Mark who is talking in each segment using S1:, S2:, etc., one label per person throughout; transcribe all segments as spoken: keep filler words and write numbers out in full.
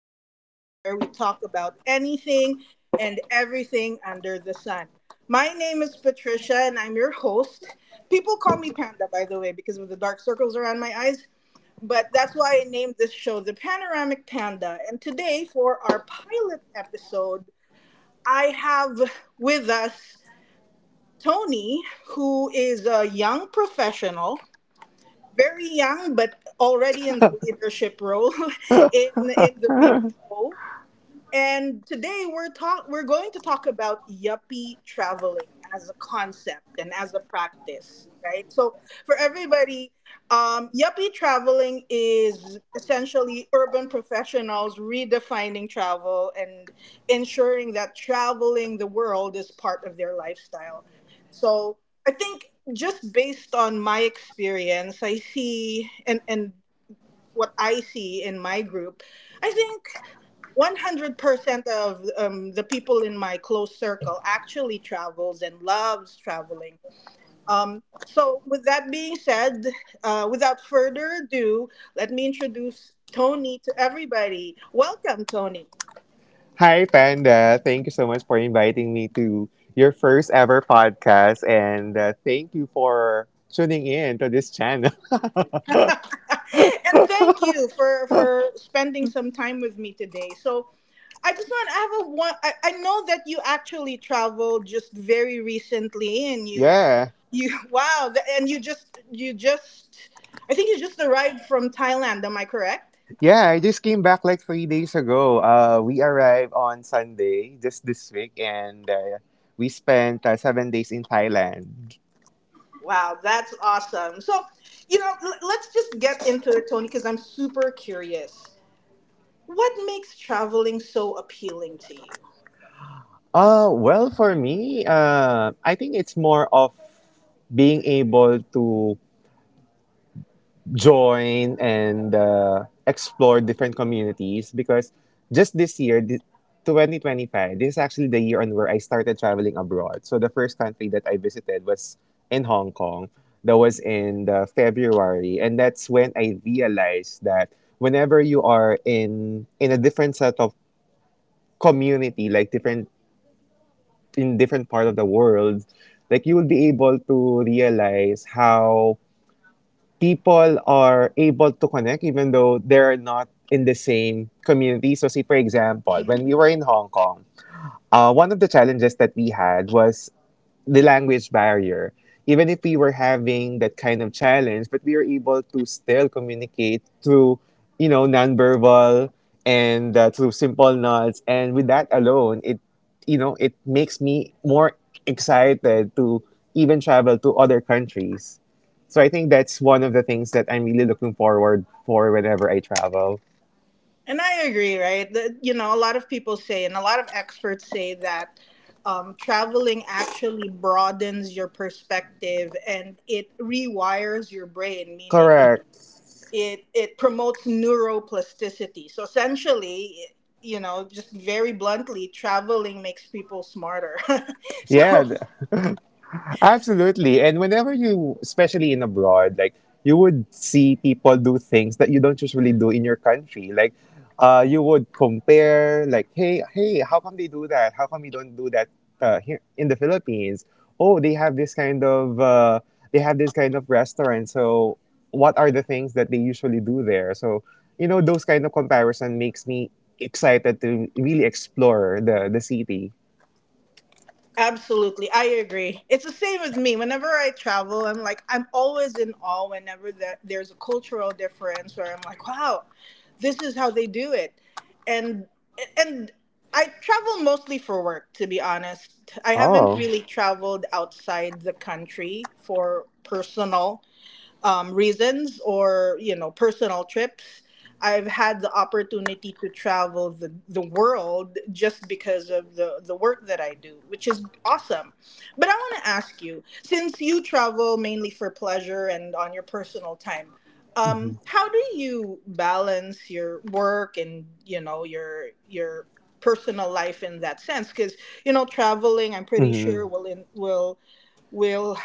S1: Panda, where we talk about anything and everything under the sun. My name is Patricia, and I'm your host. People call me Panda, by the way, because of the dark circles around my eyes, but that's why I named this show the Panoramic Panda. And today, for our pilot episode, I have with us Tony, who is a young professional, very young, but already in the leadership role in in the B P O. And today we're talk we're going to talk about yuppie traveling as a concept and as a practice, right? So for everybody, um, yuppie traveling is essentially urban professionals redefining travel and ensuring that traveling the world is part of their lifestyle. So I think, just based on my experience, I see and and what I see in my group, I think one hundred percent of um, the people in my close circle actually travels and loves traveling. Um, so, with that being said, uh, without further ado, let me introduce Tony to everybody. Welcome, Tony.
S2: Hi, Panda. Thank you so much for inviting me to your first ever podcast. And uh, thank you for tuning in to this channel.
S1: And thank you for for spending some time with me today. So I just want to have a one. I, I know that you actually traveled just very recently, and you
S2: Yeah.
S1: You wow, th- and you just you just I think you just arrived from Thailand, am I correct?
S2: Yeah, I just came back like three days ago. Uh, we arrived on Sunday, just this week, and uh, we spent uh, seven days in Thailand.
S1: Wow, that's awesome. So, you know, l- let's just get into it, Tony, because I'm super curious. What makes traveling so appealing to you?
S2: Uh, well, for me, uh, I think it's more of being able to join and uh, explore different communities because just this year, thi- twenty twenty-five, this is actually the year on where I started traveling abroad. So the first country that I visited was in Hong Kong. That was in the February, and that's when I realized that whenever you are in in a different set of community, like different in different part of the world, like you will be able to realize how people are able to connect even though they're not in the same community. So, say for example,
S1: Mhm.
S2: when we were in Hong Kong, uh, one of the challenges that we had was the language barrier. Even if we were having that kind of challenge, but we were able to still communicate through, you know, nonverbal and uh, through simple nods. And with that alone, it, you know, it makes me more excited to even travel to other countries. So I think that's one of the things that I'm really looking forward for whenever I travel.
S1: And I agree, right? That, you know, a lot of people say and a lot of experts say that um, traveling actually broadens your perspective and it rewires your brain, meaning it
S2: Correct.
S1: it it promotes neuroplasticity. So essentially, you know, just very bluntly, traveling makes people smarter.
S2: Yeah.
S1: So
S2: Absolutely. And whenever you, especially in abroad, like you would see people do things that you don't usually do in your country. Like, uh, you would compare, like, hey, hey, how come they do that? How come we don't do that uh, here in the Philippines? Oh, they have this kind of, uh, they have this kind of restaurant. So, what are the things that they usually do there? So, you know, those kind of comparison makes me excited to really explore the the city.
S1: absolutely, I agree. It's the same with me. Whenever I travel, I'm like I'm always in awe whenever that there's a cultural difference where I'm like, wow, this is how they do it. And and I travel mostly for work, to be honest. I haven't
S2: Oh.
S1: really traveled outside the country for personal um, reasons, or, you know, personal trips. I've had the opportunity to travel the, the world just because of the, the work that I do, which is awesome. But I want to ask you, since you travel mainly for pleasure and on your personal time, um, how do you balance your work and, you know, your your personal life in that sense, because, you know, traveling, I'm pretty
S2: Hmm.
S1: sure, will in, will will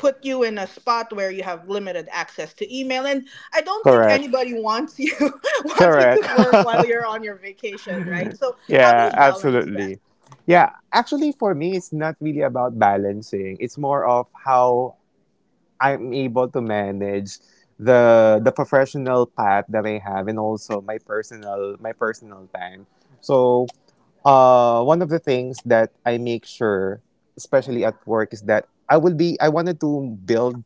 S1: put you in a spot where you have limited access to email, and I don't think
S2: Correct.
S1: anybody wants you wants you to
S2: Correct.
S1: work while you're on your vacation, right? So how do
S2: Yeah,
S1: you balance that?
S2: absolutely. Yeah, actually, for me, it's not really about balancing. It's more of how I'm able to manage the the professional path that I have, and also my personal my personal time. So, uh, one of the things that I make sure, especially at work, is that I will be. I wanted to build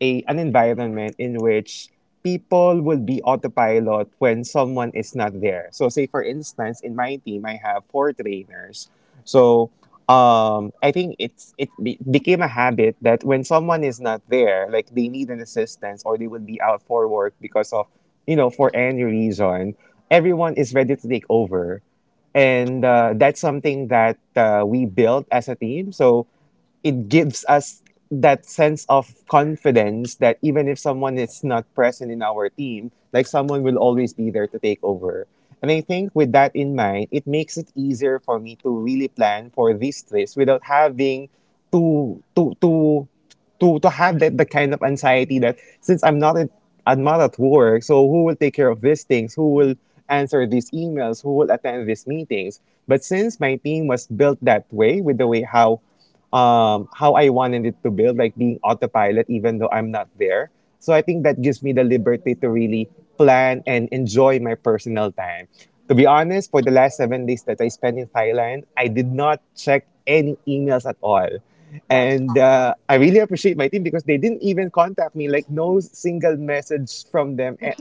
S2: a an environment in which people will be autopilot when someone is not there. So say for instance, in my team I have four trainers. So um, I think it's it be- became a habit that when someone is not there, like they need an assistance or they will be out for work because of you know for any reason, everyone is ready to take over, and uh, that's something that uh, we built as a team. So it gives us that sense of confidence that even if someone is not present in our team, like someone will always be there to take over. And I think with that in mind, it makes it easier for me to really plan for these trips without having to to to to to have that the kind of anxiety that since I'm not at I'm not at work, so who will take care of these things? Who
S1: Mhm.
S2: will answer these emails? Who will attend these meetings? But since my team was built that way, with the way how um how I wanted it to build, like being autopilot, even though I'm not there. So I think that gives me the liberty to really plan and enjoy my personal time. To be honest, for the last seven days that I spent in Thailand, I did not check any emails at all.
S1: That's
S2: And uh, I really appreciate my team because they didn't even contact me, like, no single message from them a-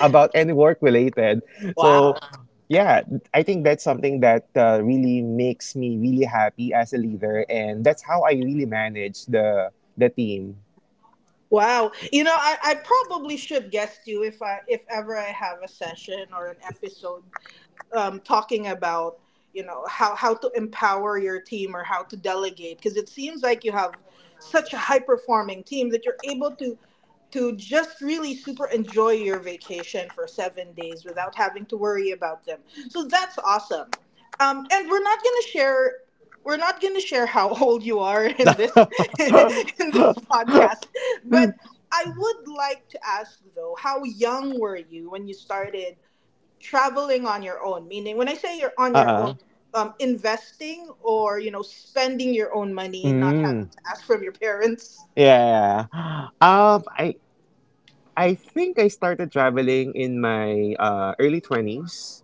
S2: about any work related.
S1: wow.
S2: So, yeah, I think that's something that uh, really makes me really happy as a leader. And that's how I really manage the, the team.
S1: Wow, you know, I, I probably should guest you if I if ever I have a session or an episode um, talking about, you know, how how to empower your team or how to delegate, because it seems like you have such a high performing team that you're able to to just really super enjoy your vacation for seven days without having to worry about them. So that's awesome. Um, and we're not gonna share we're not gonna share how old you are in this in
S2: Uh-uh.
S1: this podcast, but I would like to ask though, how young were you when you started traveling on your own? Meaning, when I say you're on your own, um, investing or, you know, spending your own money and not having
S2: Mm,
S1: to ask from your parents.
S2: yeah. Um, I I think I started traveling in my uh, early twenties.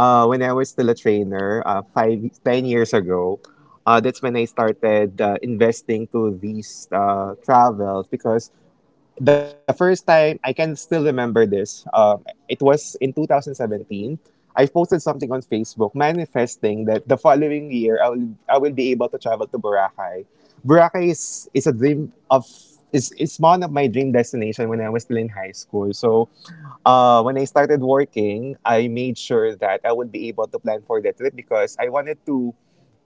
S2: uh, when I was still a trainer, uh, five, ten years ago, uh, that's when I started uh, investing to these uh, travels because the first time I can still remember this. Um, it was in two thousand seventeen. I posted something on Facebook manifesting that the following year I will I will be able to travel to Boracay. Boracay is is a dream of is is one of my dream destination when I was still in high school. So uh, when I started working, I made sure that I would be able to plan for that trip because I wanted to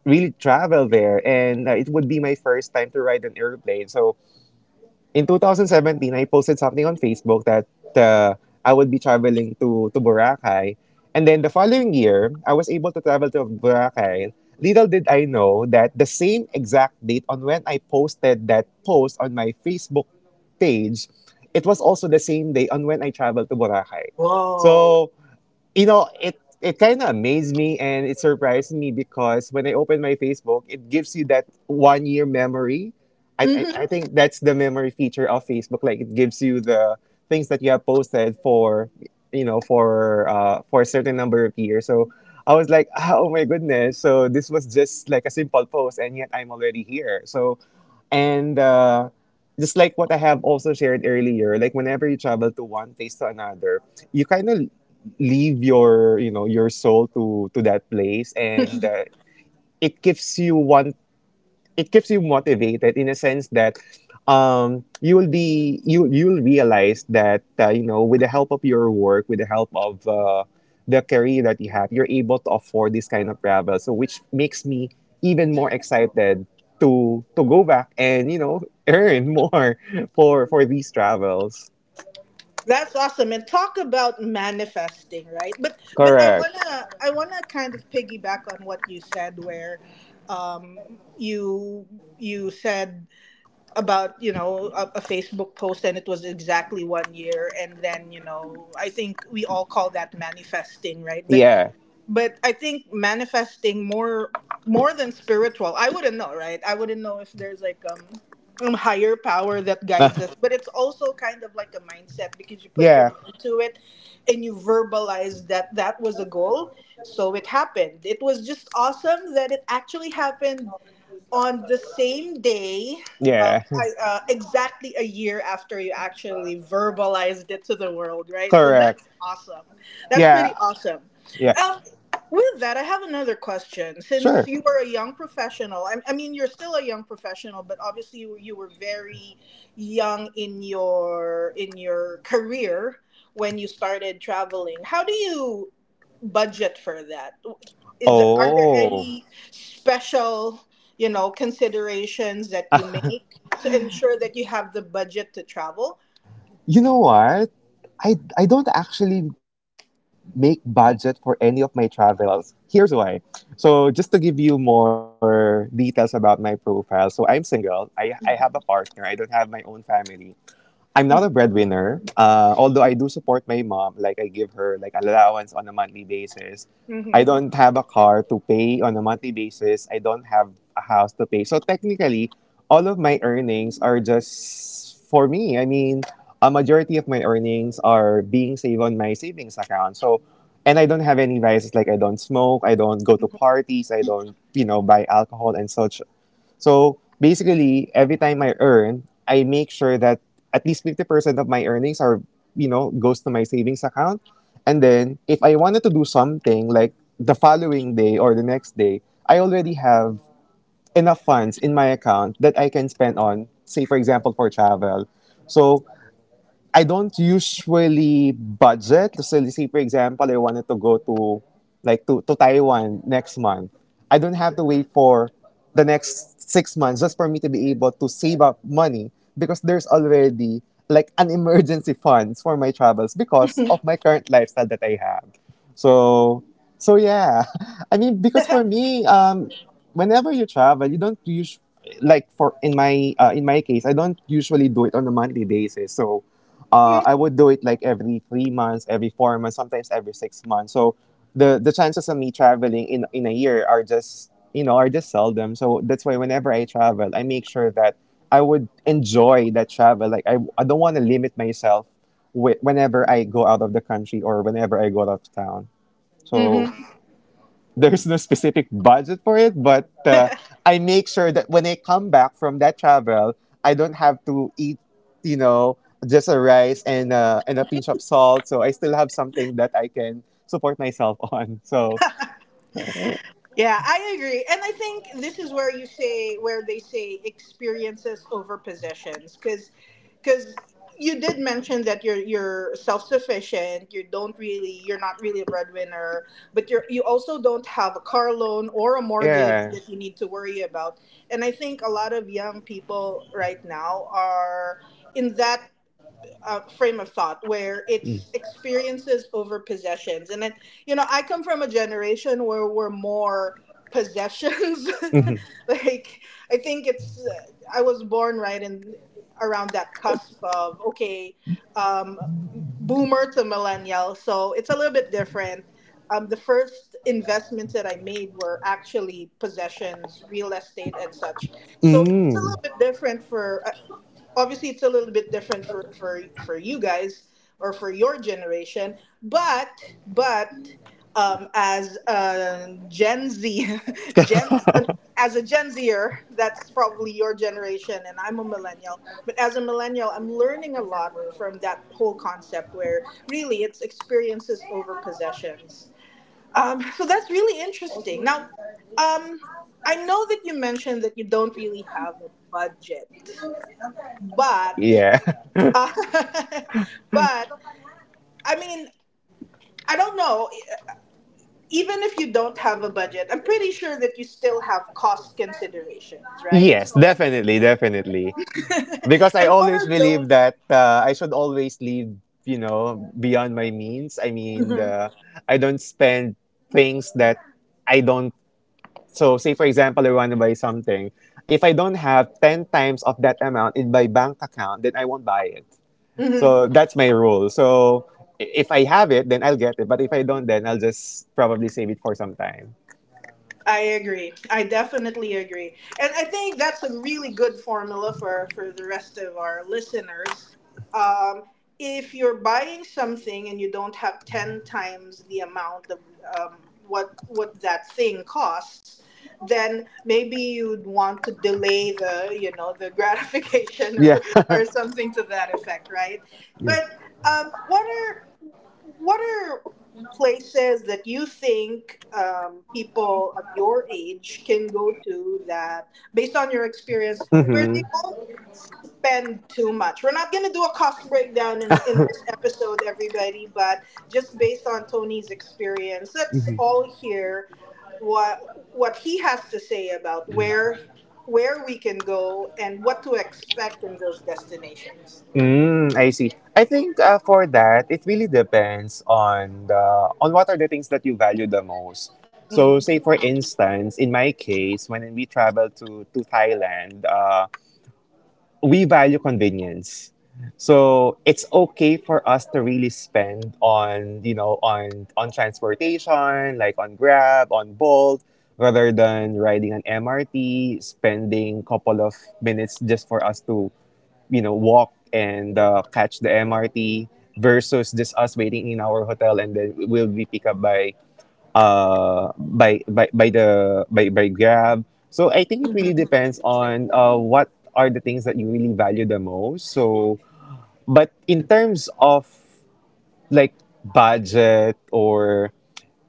S2: really travel there and uh, it would be my first time to ride an airplane. So in two thousand seventeen, I posted something on Facebook that uh, I would be traveling to, to Boracay. And then the following year, I was able to travel to Boracay. Little did I know that the same exact date on when I posted that post on my Facebook page, it was also the same day on when I traveled to Boracay.
S1: Whoa.
S2: So you know, it it kind of amazed me and it surprised me because when I opened my Facebook, it gives you that one year memory. I, I
S1: Hmm.
S2: I think that's the memory feature of Facebook. Like it gives you the things that you have posted for you know for uh for a certain number of years. So I was like, oh my goodness! So this was just like a simple post, and yet I'm already here. So and uh, just like what I have also shared earlier, like whenever you travel to one place to another, you kind of leave your you know your soul to to that place and uh, it keeps you one it keeps you motivated in a sense that um you will be you you'll realize that uh, you know with the help of your work with the help of uh, the career that you have you're able to afford this kind of travel so which makes me even more excited to to go back and you know earn more for for these travels.
S1: That's awesome. And talk about manifesting, right? But but I
S2: Correct.
S1: wanna I wanna kind of piggyback on what you said where um you you said about, you know, a, a facebook post and it was exactly one year, and then, you know, I think we all call that manifesting, right? but
S2: Yeah.
S1: but I think manifesting more more than spiritual. I wouldn't know, right? I wouldn't know if there's like um um higher power that guides us, but it's also kind of like a mindset because you put your
S2: Yeah.
S1: mind to it and you verbalize that that was a goal. So it happened. It was just awesome that it actually happened on the same day, um,
S2: Yeah.
S1: I, uh, exactly a year after you actually verbalized it to the world, right? So
S2: Correct.
S1: that's awesome. That's
S2: Yeah,
S1: pretty awesome.
S2: yeah,
S1: Um, with that, I have another question. Since
S2: sure.
S1: you were a young professional, I, I mean, you're still a young professional, but obviously you, you were very young in your in your career when you started traveling. How do you budget for that? Is are there
S2: Oh,
S1: any special? You know, considerations that you make to ensure that you have the budget to travel.
S2: you know what? I I don't actually make budget for any of my travels. Here's why. So just to give you more details about my profile. So I'm single. I I have a
S1: Hmm.
S2: partner. I don't have my own family. I'm not a breadwinner. Uh, although I do support my mom, like I give her like allowance on a monthly basis. I don't have a car to pay on a monthly basis. I don't have a house to pay. So technically, all of my earnings are just for me. I mean, a majority of my earnings are being saved on my savings account. So, and I don't have any vices like I don't smoke, I don't go to parties, I don't, you know, buy alcohol and such, so basically, every time I earn, I make sure that at least fifty percent of my earnings are, you know, goes to my savings account. And then if I wanted to do something like the following day or the next day, I already have enough funds in my account that I can spend on, say, for example, for travel. So I don't usually budget. So let's say, for example, I wanted to go to like to, to Taiwan next month. I don't have to wait for the next six months just for me to be able to save up money because there's already like an emergency funds for my travels because of my current lifestyle that I have. So so yeah. I mean because for me, um whenever you travel, you don't use like for in my uh, in my case, I don't usually do it on a monthly basis. So uh, I would do it like every three months, every four months, sometimes every six months. So the the chances of me traveling in in a year are just you know are just seldom. So that's why whenever I travel, I make sure that I would enjoy that travel. Like I I don't want to limit myself whe- whenever I go out of the country or whenever I go out of town.
S1: Hmm.
S2: So there's no specific budget for it, but uh, I make sure that when I come back from that travel, I don't have to eat, you know, just a rice and uh, and a pinch of salt. So I still have something that I can support myself on. So
S1: Yeah, I agree. And I think this is where you say, where they say, experiences over possessions. Because you did mention that you're you're self-sufficient, you don't really, you're not really a breadwinner, but you're you also don't have a car loan or a mortgage
S2: yeah.
S1: that you need to worry about. And I think a lot of young people right now are in that uh, frame of thought where
S2: Mm.
S1: it's experiences over possessions. And then, you know, I come from a generation where we're more possessions.
S2: Mhm.
S1: Like, I think it's, uh, I was born right in around that cusp of, okay, um, boomer to millennial. So it's a little bit different. Um, the first investments that I made were actually possessions, real estate, and such. So it's a
S2: Mm.
S1: little bit different for, obviously it's a little bit different for for for you guys or for your generation, but but um as a gen z gen as a gen zer, that's probably your generation, and I'm a millennial. But as a millennial, I'm learning a lot from that whole concept where really it's experiences over possessions. Um, so that's really interesting. Now um I know that you mentioned that you don't really have a budget, but
S2: Yeah.
S1: uh, but I mean, I don't know. E, even if you don't have a budget, I'm pretty sure that you still have cost considerations, right?
S2: Yes,
S1: So,
S2: definitely, definitely. Because I
S1: and what
S2: always
S1: are those?
S2: believe that uh, I should always leave, you know, beyond my means. I mean,
S1: Mhm.
S2: the, I don't spend things that I don't so say for example, I want to buy something. If I don't have ten times of that amount in my bank account, then I won't buy it.
S1: Mhm.
S2: So that's my rule. So i- if I have it, then I'll get it. But if I don't, then I'll just probably save it for some time.
S1: I agree. I definitely agree. And I think that's a really good formula for for the rest of our listeners. Um, if you're buying something and you don't have ten times the amount of um, what, what that thing costs, then maybe you'd want to delay the, you know, the gratification or,
S2: Yeah.
S1: or something to that effect, right?
S2: yeah.
S1: But um, what are what are places that you think um, people of your age can go to that, based on your experience, where they
S2: Mm-hmm.
S1: won't spend too much. We're not going to do a cost breakdown in, in this episode, everybody, but just based on Tony's experience, let's all hear what what he has to say about where where we can go and what to expect in those destinations.
S2: Mm, I see. I think uh, for that, it really depends on the on what are the things that you value the most. So,
S1: Mm-hmm.
S2: say for instance, in my case, when we traveled to to Thailand, uh, we value convenience. So it's okay for us to really spend on, you know, on on transportation, like on Grab, on Bolt, rather than riding an M R T, spending couple of minutes just for us to, you know, walk and uh, catch the M R T versus just us waiting in our hotel and then we'll be picked up by uh, by, by, by the by, by Grab. So I think it really
S1: Mm-hmm.
S2: depends on uh, what are the things that you really value the most. So, but in terms of like budget or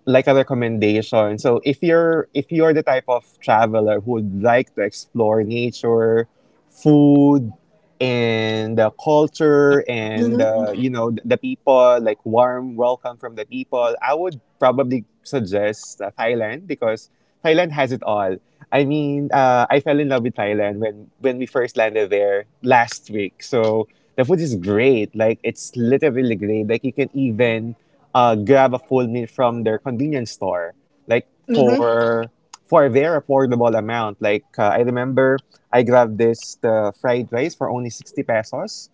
S2: like a recommendation. So if you're if you're the type of traveler who would like to explore nature, food, and the culture, and uh,
S1: Mm-hmm.
S2: you know the, people, like warm welcome from the people, I would probably suggest uh, Thailand because Thailand has it all. I mean, uh, I fell in love with Thailand when when we first landed there last week. So the food is great. Like it's literally great. Like you can even uh, grab a full meal from their convenience store, like
S1: Mm-hmm.
S2: for for a very affordable amount. Like uh, I remember, I grabbed this the fried rice for only sixty pesos,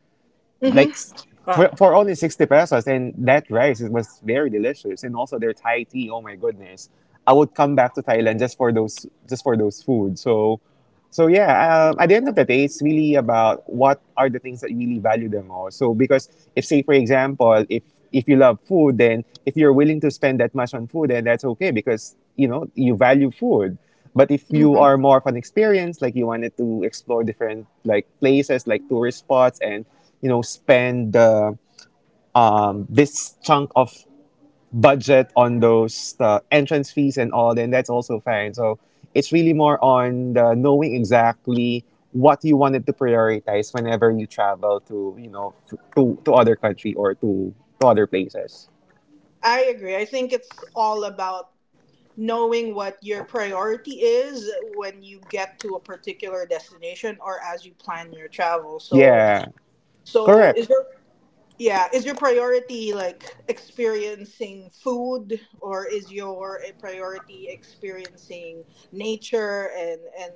S1: Mm-hmm.
S2: like s- for
S1: Wow.
S2: for only sixty pesos, and that rice it was very delicious. And also their Thai tea. Oh my goodness, I would come back to Thailand just for those just for those food. So. So yeah, um, at the end of the day, it's really about what are the things that you really value the most. So because if say for example, if if you love food, then if you're willing to spend that much on food, then that's okay because you know you value food. But if you
S1: Mm-hmm.
S2: are more of an experience, like you wanted to explore different like places, like tourist spots, and you know spend the um, this chunk of budget on those uh, entrance fees and all, then that's also fine. So it's really more on the knowing exactly what you wanted to prioritize whenever you travel to you know f- to to other country or to to other places.
S1: I agree. I think it's all about knowing what your priority is when you get to a particular destination or as you plan your travel. So,
S2: Yeah,
S1: so
S2: correct.
S1: is there, yeah, is your priority like experiencing food, or is your a priority experiencing nature and and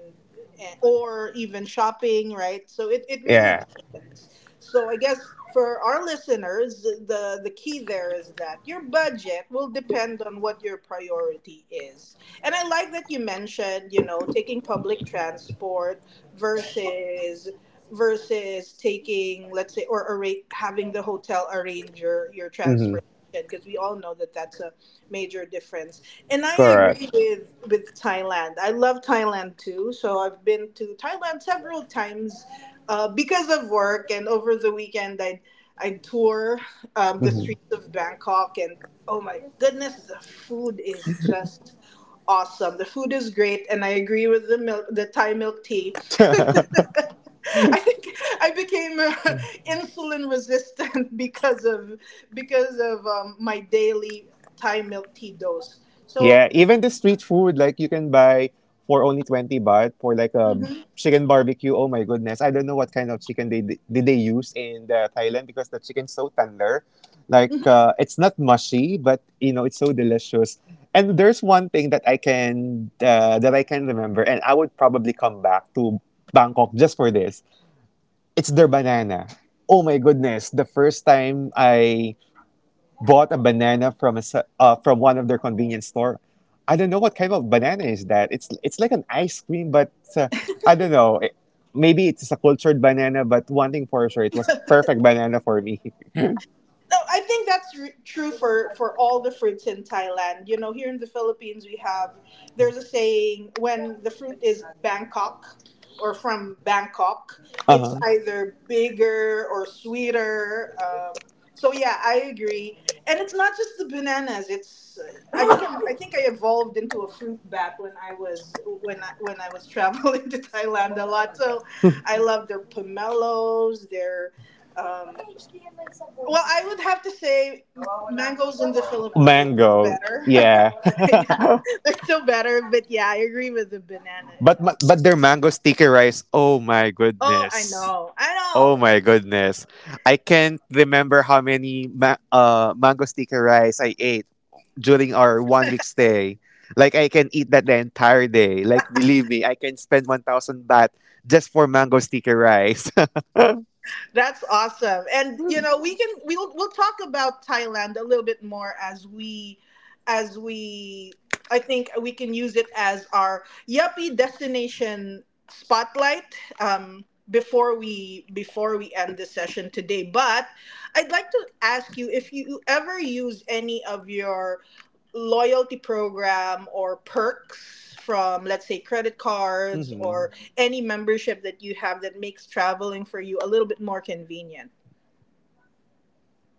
S1: and- or even shopping, right? So it, it really
S2: Yeah,
S1: depends. So I guess for our listeners, the the key there is that your budget will depend on what your priority is. And I like that you mentioned, you know, taking public transport versus versus taking, let's say, or arra- having the hotel arrange your, your
S2: mm-hmm.
S1: transportation, because we all know that that's a major difference. And I agree
S2: Correct.
S1: with with Thailand, I love Thailand too, so I've been to Thailand several times, uh, because of work, and over the weekend I i tour um, the streets of Bangkok, and oh my goodness, the food is just awesome, the food is great. And I agree with the milk the Thai milk tea.
S2: Mm-hmm.
S1: I think I became uh, insulin resistant because of because of um, my daily Thai milk tea dose.
S2: Yeah,
S1: So.
S2: even the street food, like you can buy for only twenty baht for like a chicken barbecue. Oh my goodness. I don't know what kind of chicken they did they use in the Thailand because the chicken's so tender. Like uh, it's not mushy, but you know, it's so delicious. And there's one thing that I can uh, that I can remember and I would probably come back to Bangkok just for this. It's their banana. Oh my goodness. The first time I bought a banana from a se- uh, from one of their convenience store. I don't know what kind of banana is that. It's it's like an ice cream, but uh, I don't know. It- maybe it's a cultured banana, but one thing for sure, it was a perfect banana for me.
S1: No, I think that's r true for for all the fruits in Thailand. You know, here in the Philippines, we have, there's a saying, when the fruit is Bangkok or from Bangkok, it's
S2: uh-huh.
S1: either bigger or sweeter. Um, so yeah, I agree. And it's not just the bananas. It's, I became, I think I evolved into a fruit bat when I was when I when I was traveling to Thailand a lot. So I love their pomelos, their um, well, I would have to say mangoes in the Philippines are still
S2: Mango,
S1: better.
S2: yeah.
S1: Yeah, they're still better. But yeah, I agree with the banana and
S2: But ma-
S1: all.
S2: but their mango sticky rice, oh my
S1: Oh, I
S2: goodness.
S1: know, I
S2: Oh
S1: know.
S2: my goodness. I can't remember how many ma- uh, mango sticky rice I ate during our one week stay. Like, I can eat that the entire day. Like, believe me, I can spend one thousand baht just for mango sticky rice.
S1: That's awesome. And you know, we can we'll we'll talk about Thailand a little bit more as we as we I think we can use it as our yuppie destination spotlight um before we before we end the session today. But I'd like to ask you if you ever use any of your loyalty program or perks from, let's say, credit cards or
S2: Mhm.
S1: any membership that you have that makes traveling for you a little bit more convenient.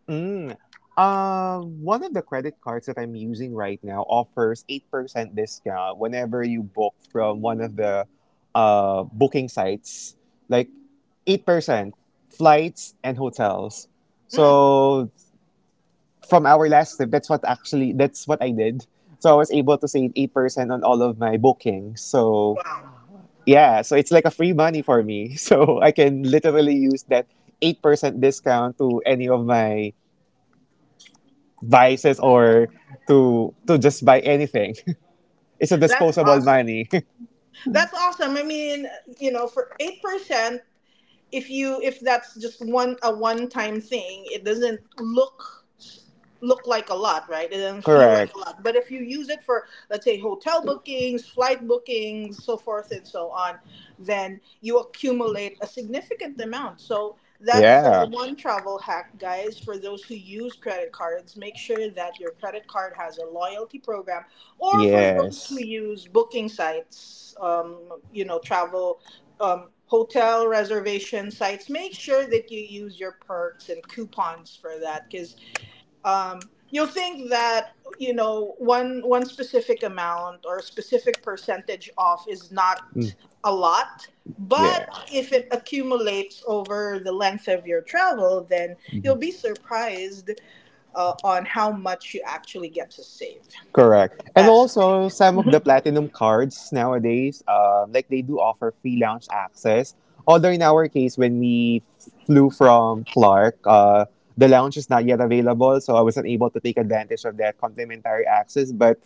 S2: Mm. Uh, one of the credit cards that I'm using right now offers eight percent discount whenever you book from one of the uh, booking sites, like eight percent flights and hotels.
S1: Mm,
S2: So from our last trip, that's what actually that's what I did. So I was able to save eight percent on all of my bookings. So
S1: wow,
S2: yeah, so it's like a free money for me. So I can literally use that eight percent discount to any of my vices or to to just buy anything. it's a
S1: that's
S2: disposable
S1: awesome.
S2: money.
S1: That's awesome. I mean, you know, for eight percent, if you if that's just one a one time thing, it doesn't look look like a lot, right? It doesn't feel like a
S2: Correct.
S1: lot, but if you use it for, let's say, hotel bookings, flight bookings, so forth and so on, then you accumulate a significant amount. So that's uh,
S2: Yeah.
S1: one travel hack, guys. For those who use credit cards, make sure that your credit card has a loyalty program, or for those who
S2: Yes.
S1: use booking sites, um, you know, travel, um, hotel reservation sites, make sure that you use your perks and coupons for that, because um, you'll think that, you know, one one specific amount or a specific percentage off is
S2: Mm.
S1: not a lot. But
S2: Yeah.
S1: if it accumulates over the length of your travel, then you'll be surprised uh, on how much you actually get to save.
S2: Correct. And
S1: That's
S2: also some of the platinum cards nowadays, um, like they do offer free lounge access. Although in our case, when we flew from Clark, uh, the lounge is not yet available, so I wasn't able to take advantage of that complimentary access. But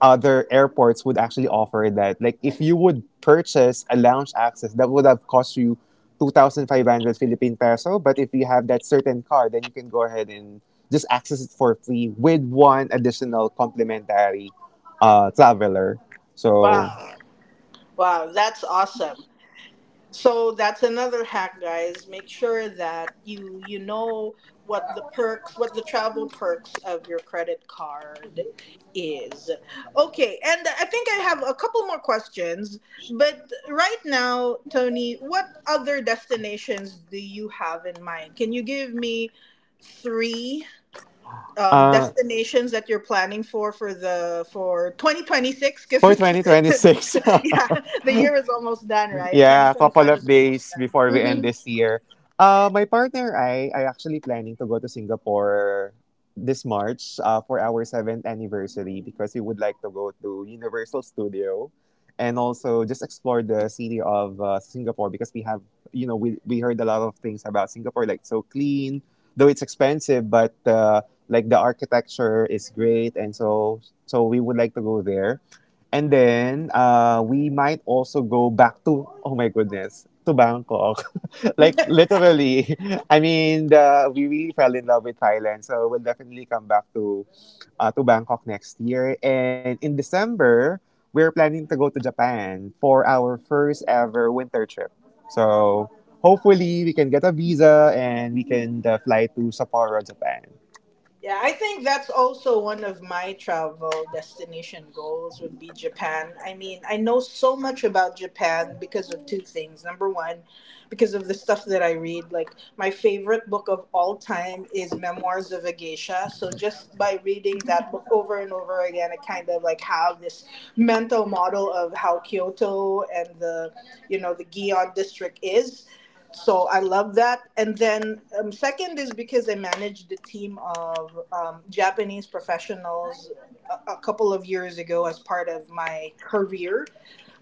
S2: other airports would actually offer that. Like if you would purchase a lounge access, that would have cost you two thousand five hundred Philippine peso. But if you have that certain card, then you can go ahead and just access it for free with one additional complimentary uh, traveler. So
S1: wow, wow, that's awesome. So that's another hack, guys. Make sure that you you know, what the perks, what the travel perks of your credit card is. Okay, and I think I have a couple more questions, but right now, Tony, what other destinations do you have in mind? Can you give me three um,
S2: uh,
S1: destinations that you're planning for for the for twenty twenty-six, because
S2: for
S1: it's
S2: twenty twenty-six,
S1: yeah, the year is almost done, right?
S2: yeah, a couple
S1: twenty twenty-five
S2: of
S1: is almost
S2: days before we end
S1: done.
S2: this year. Uh, my partner and I are actually planning to go to Singapore this March uh, for our seventh anniversary because we would like to go to Universal Studio and also just explore the city of uh, Singapore because we have, you know, we, we heard a lot of things about Singapore, like so clean, though it's expensive, but uh, like the architecture is great. And so, so we would like to go there. And then uh, we might also go back to, oh my goodness, to Bangkok. like literally, I mean, the, we really fell in love with Thailand. So we'll definitely come back to, uh, to Bangkok next year. And in December, we're planning to go to Japan for our first ever winter trip. So hopefully we can get a visa and we can uh, fly to Sapporo, Japan.
S1: Yeah, I think that's also one of my travel destination goals would be Japan. I mean, I know so much about Japan because of two things. Number one, because of the stuff that I read. Like, my favorite book of all time is Memoirs of a Geisha. So, just by reading that book over and over again, I kind of like have this mental model of how Kyoto and the, you know, the Gion district is. So I love that. And then um, second is because I managed a team of um, Japanese professionals a, a couple of years ago as part of my career,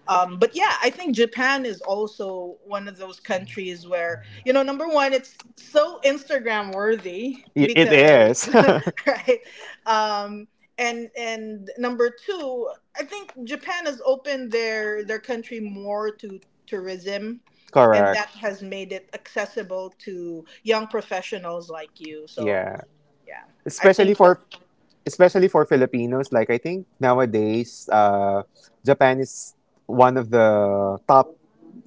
S1: um, but yeah, I think Japan is also one of those countries where, you know, number one, it's so Instagram worthy,
S2: Y- It
S1: because
S2: is.
S1: right? Um, and and number two, I think Japan has opened their their country more to tourism, and
S2: Correct.
S1: that has made it accessible to young professionals like you. So
S2: Yeah.
S1: yeah, I
S2: Especially
S1: think.
S2: for Especially for Filipinos, like I think nowadays, uh, Japan is one of the top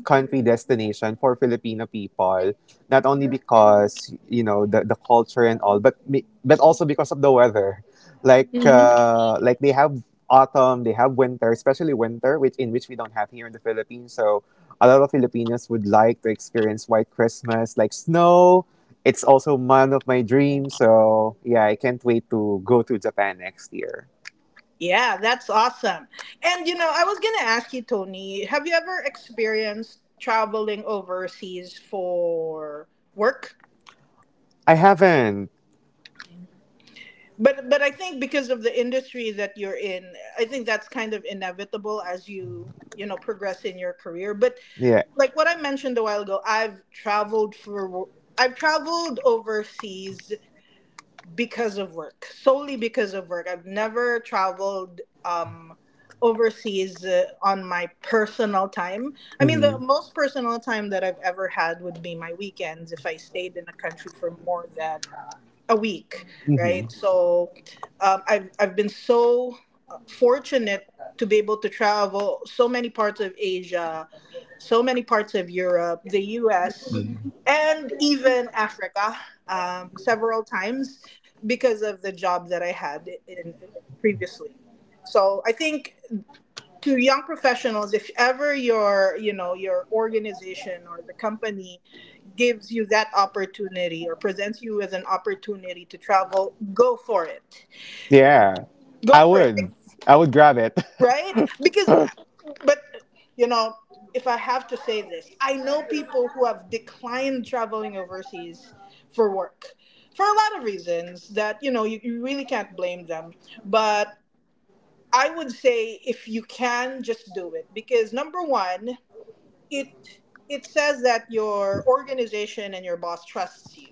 S2: country destination for Filipino people, not only because you know the, the culture and all, but mi- but also because of the weather. Like uh, like they have autumn, they have winter, especially winter, which in which we don't have here in the Philippines. So a lot of Filipinos would like to experience White Christmas, like snow. It's also one of my dreams. So yeah, I can't wait to go to Japan next year.
S1: Yeah, that's awesome. And you know, I was gonna ask you, Tony, have you ever experienced traveling overseas for work?
S2: I haven't.
S1: But but I think because of the industry that you're in, I think that's kind of inevitable as you, you know, progress in your career. But
S2: Yeah.
S1: like what I mentioned a while ago, I've traveled for wo- I've traveled overseas because of work, solely because of work. I've never traveled um, overseas uh, on my personal time. I mean, the
S2: Mm-hmm.
S1: most personal time that I've ever had would be my weekends if I stayed in a country for more than a week,
S2: Mm-hmm.
S1: right? Mhm. So um, I've I've been so uh, fortunate to be able to travel so many parts of Asia, so many parts of Europe, the U S, and even Africa um, several times because of the job that I had in previously. So I think to young professionals, if ever your, you know, your organization or the company gives you that opportunity or presents you as an opportunity to travel, go for it.
S2: Yeah,
S1: Go
S2: I
S1: for it,
S2: would. I would grab it.
S1: right? Because, but, you know, if I have to say this, I know people who have declined traveling overseas for work for a lot of reasons that, you know, you, you really can't blame them. But I would say if you can, just do it. Because number one, it it says that your organization and your boss trusts you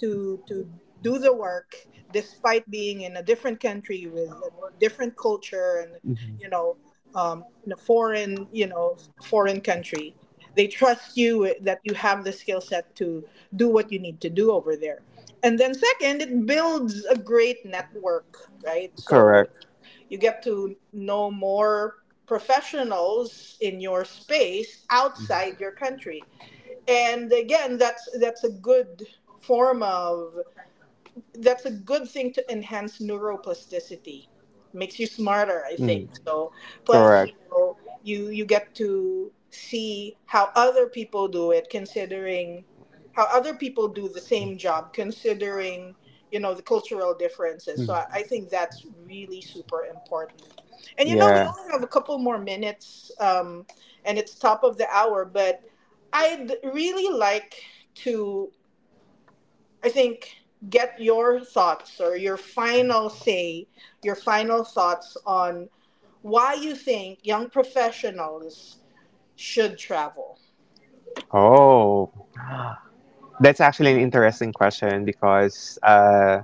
S1: to to do the work despite being in a different country with a different culture and,
S2: hmm.
S1: you know, um, in a foreign, you know, foreign country, they trust you that you have the skill set to do what you need to do over there. And then second, it builds a great network, right? So
S2: Correct.
S1: you get to know more professionals in your space outside your country, and again, that's that's a good form of, that's a good thing to enhance neuroplasticity. Makes you smarter, I think.
S2: Mm,
S1: So plus,
S2: correct.
S1: you know, you you get to see how other people do it, considering how other people do the same job, considering, you know, the cultural differences. So I,
S2: Mm.
S1: I think that's really super important. And you know, we
S2: Yeah.
S1: only have a couple more minutes, um, and it's top of the hour, but I'd really like to. I think get your thoughts or your final say, your final thoughts on why you think young professionals should travel.
S2: Oh, that's actually an interesting question because uh,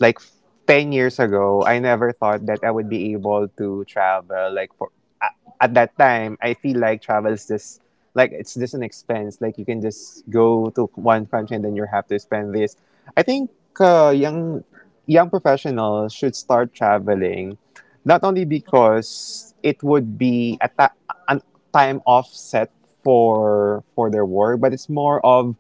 S2: like ten years ago, I never thought that I would be able to travel. Like for a- at that time, I feel like travel is just like it's just an expense. Like you can just go to one country and then you have to spend this. I think uh, young young professionals should start traveling, not only because it would be a, ta- a time offset for for their work, but it's more of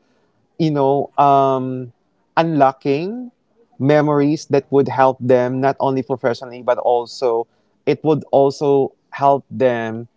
S2: you know, um, unlocking memories that would help them not only professionally but also it would also help them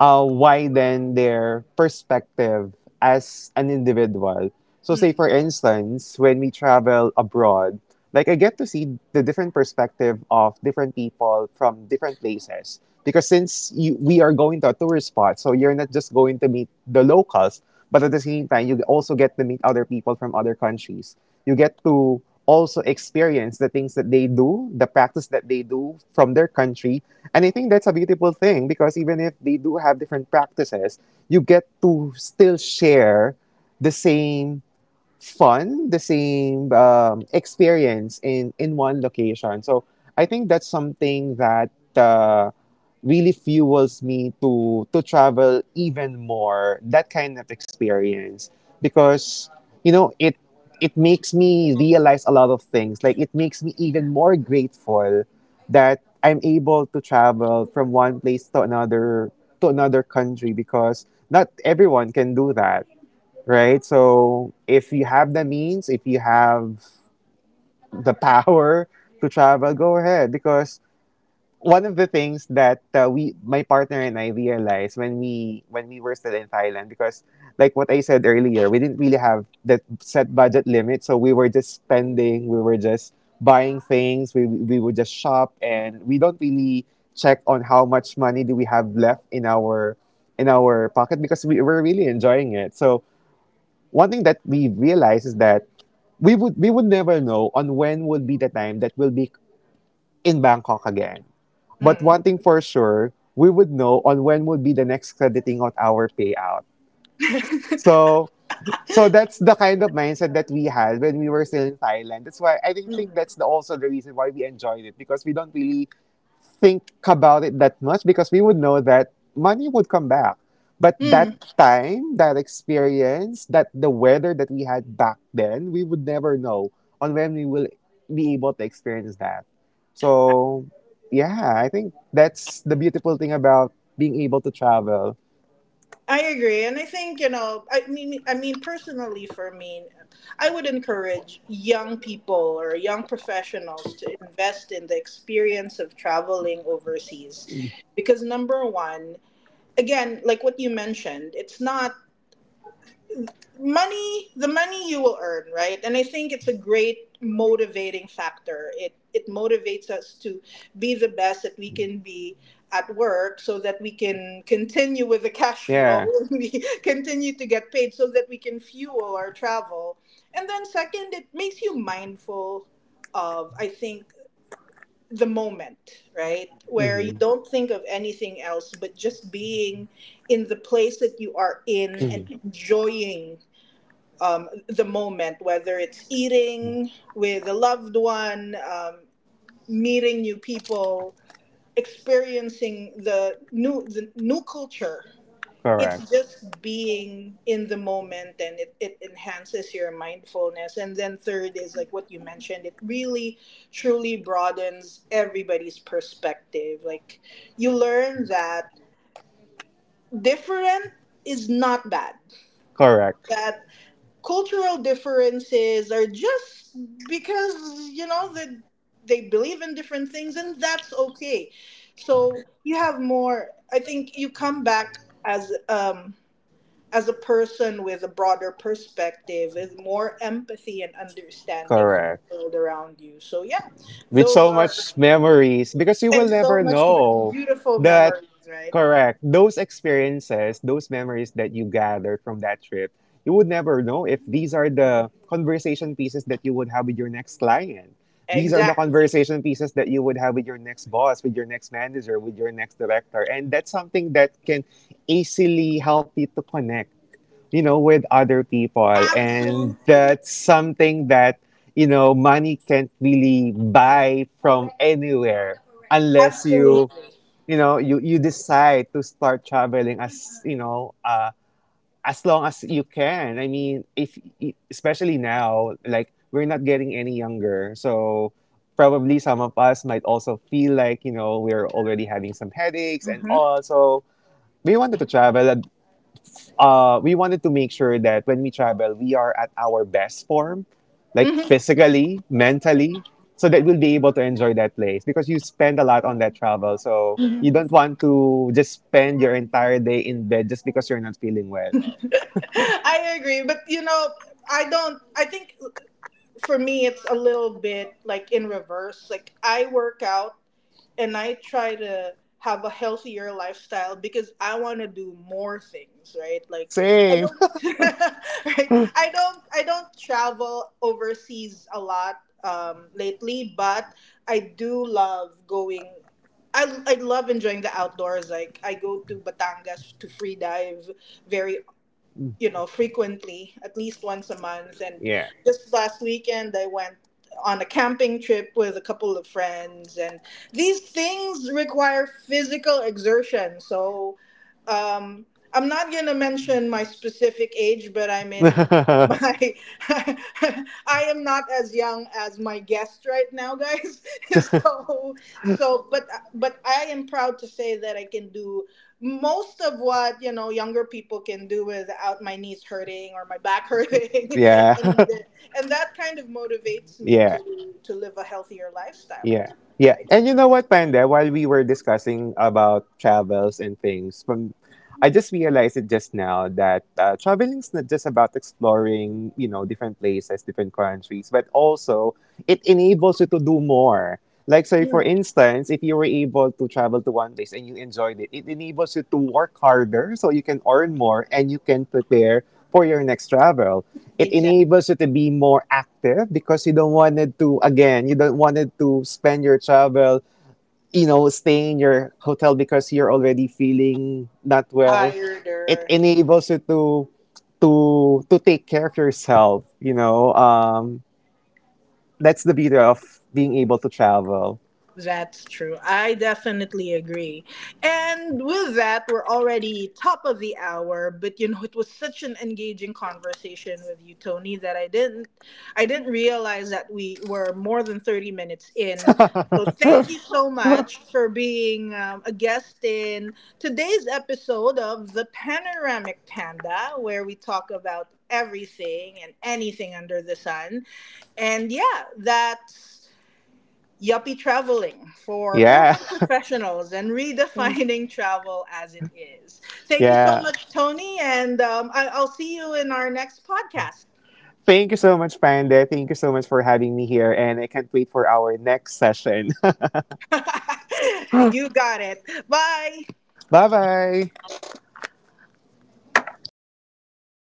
S2: uh, widen their perspective as an individual. So, say
S1: Hmm.
S2: for instance, when we travel abroad, like I get to see the different perspective of different people from different places. Because since you, we are going to a tourist spot, so you're not just going to meet the locals, but at the same time, you also get to meet other people from other countries. You get to also experience the things that they do, the practice that they do from their country. And I think that's a beautiful thing because even if they do have different practices, you get to still share the same fun, the same um, experience in in one location. So I think that's something that uh, really fuels me to to travel even more. That kind of experience because you know it it makes me realize a lot of things. Like it makes me even more grateful that I'm able to travel from one place to another to another country because not everyone can do that right? So if you have the means, if you have the power to travel, go ahead. Because one of the things that uh, we, my partner and I realized when we when we were still in Thailand, because like what I said earlier, we didn't really have the set budget limit, so we were just spending, we were just buying things, we we would just shop, and we don't really check on how much money do we have left in our in our pocket because we were really enjoying it. So one thing that we realized is that we would we would never know on when would be the time that we'll be in Bangkok again. But
S1: Hmm.
S2: one thing for sure, we would know on when would be the next crediting of our payout. So so that's the kind of mindset that we had when we were still in Thailand. That's why I think
S1: Hmm.
S2: think that's the, also the reason why we enjoyed it because we don't really think about it that much because we would know that money would come back. But that
S1: Hmm.
S2: time, that experience, that the weather that we had back then, we would never know on when we will be able to experience that. So, yeah, I think that's the beautiful thing about being able to travel.
S1: I agree, and I think, you know. I mean, I mean, personally, for me, I would encourage young people or young professionals to invest in the experience of traveling overseas, because number one, again, like what you mentioned, it's not money the money you will earn, right? And I think it's a great motivating factor. it it motivates us to be the best that we can be at work, so that we can continue with the cash flow.
S2: Yeah.
S1: We continue to get paid so that we can fuel our travel. And then second, it makes you mindful of, I think, the moment, right? Where you
S2: Mm-hmm.
S1: don't think of anything else but just being in the place that you are in and enjoying um, the moment, whether it's eating with a loved one, um, meeting new people, experiencing the new the new culture.
S2: Correct.
S1: It's just being in the moment, and it, it enhances your mindfulness. And then third is like what you mentioned. It really, truly broadens everybody's perspective. Like you learn that different is not bad.
S2: Correct.
S1: That cultural differences are just because, you know, that they believe in different things, and that's okay. So you have more, I think, you come back as um as a person with a broader perspective, with more empathy and understanding for
S2: Correct.
S1: the world around you. So yeah,
S2: With
S1: those
S2: so
S1: are
S2: much memories because you will
S1: and so
S2: never
S1: much me-
S2: know
S1: beautiful
S2: that
S1: memories, right?
S2: correct those experiences those memories that you gathered from that trip you would never know if these are the conversation pieces that you would have with your next client these are the
S1: Exactly.
S2: conversation pieces that you would have with your next boss with your next manager with your next director and that's something that can easily help you to connect you know, with other people. And
S1: Absolutely.
S2: that's something that, you know, money can't really buy from anywhere unless
S1: Absolutely.
S2: you, you know, you, you decide to start traveling as, you know, uh, as long as you can. I mean, if, especially now, like, we're not getting any younger. So, probably some of us might also feel like, you know, we're already having some headaches and
S1: Hmm.
S2: all. So, we wanted to travel uh, we wanted to make sure that when we travel, we are at our best form, like physically, mentally, so that we'll be able to enjoy that place because you spend a lot on that travel. So
S1: Hmm.
S2: you don't want to just spend your entire day in bed just because you're not feeling well.
S1: I agree, but you know, I don't. I think for me, it's a little bit like in reverse. Like I work out and I try to have a healthier lifestyle because I want to do more things, right? Like I
S2: Same.
S1: don't, right? I don't. I don't travel overseas a lot um, lately, but I do love going. I, I love enjoying the outdoors. Like I go to Batangas to free dive, very, you know, frequently, at least once a month. And
S2: Yeah.
S1: just last weekend, I went on a camping trip with a couple of friends. And these things require physical exertion. So um, I'm not going to mention my specific age, but I'm in my I am not as young as my guest right now, guys. So so but but I am proud to say that I can do most of what, you know, younger people can do is out my knees hurting or my back hurting.
S2: yeah.
S1: and and that kind of motivates me
S2: yeah.
S1: to to live a healthier lifestyle,
S2: Yeah. Yeah.
S1: right?
S2: And you know what, Panda, while we were discussing about travels and things, from I just realized it just now that uh, traveling is not just about exploring, you know, different places, different countries, but also it enables you to do more. Like, say, for
S1: Mm.
S2: instance, if you were able to travel to one place and you enjoyed it, it enables you to work harder so you can earn more and you can prepare for your next travel. It
S1: Exactly.
S2: enables you to be more active because you don't wanted to, again, you don't wanted to spend your travel, you know, stay in your hotel because you're already feeling not well.
S1: Tired.
S2: It enables you to, to, to take care of yourself, you know, um, that's the beauty of being able to travel.
S1: That's true. I definitely agree. And with that, we're already top of the hour, but you know, it was such an engaging conversation with you, Tony, that I didn't I didn't realize that we were more than thirty minutes in. So thank you so much for being um, a guest in today's episode of The Panoramic Panda, where we talk about everything and anything under the sun. And yeah, that's Yuppie traveling for
S2: Yeah.
S1: urban professionals and redefining travel as it is. Thank you so
S2: Yeah.
S1: much, Tony, and um, I- I'll see you in our next podcast.
S2: Thank you so much, Panda. Thank you so much for having me here. And I can't wait for our next session.
S1: You got it. Bye.
S2: bye bye.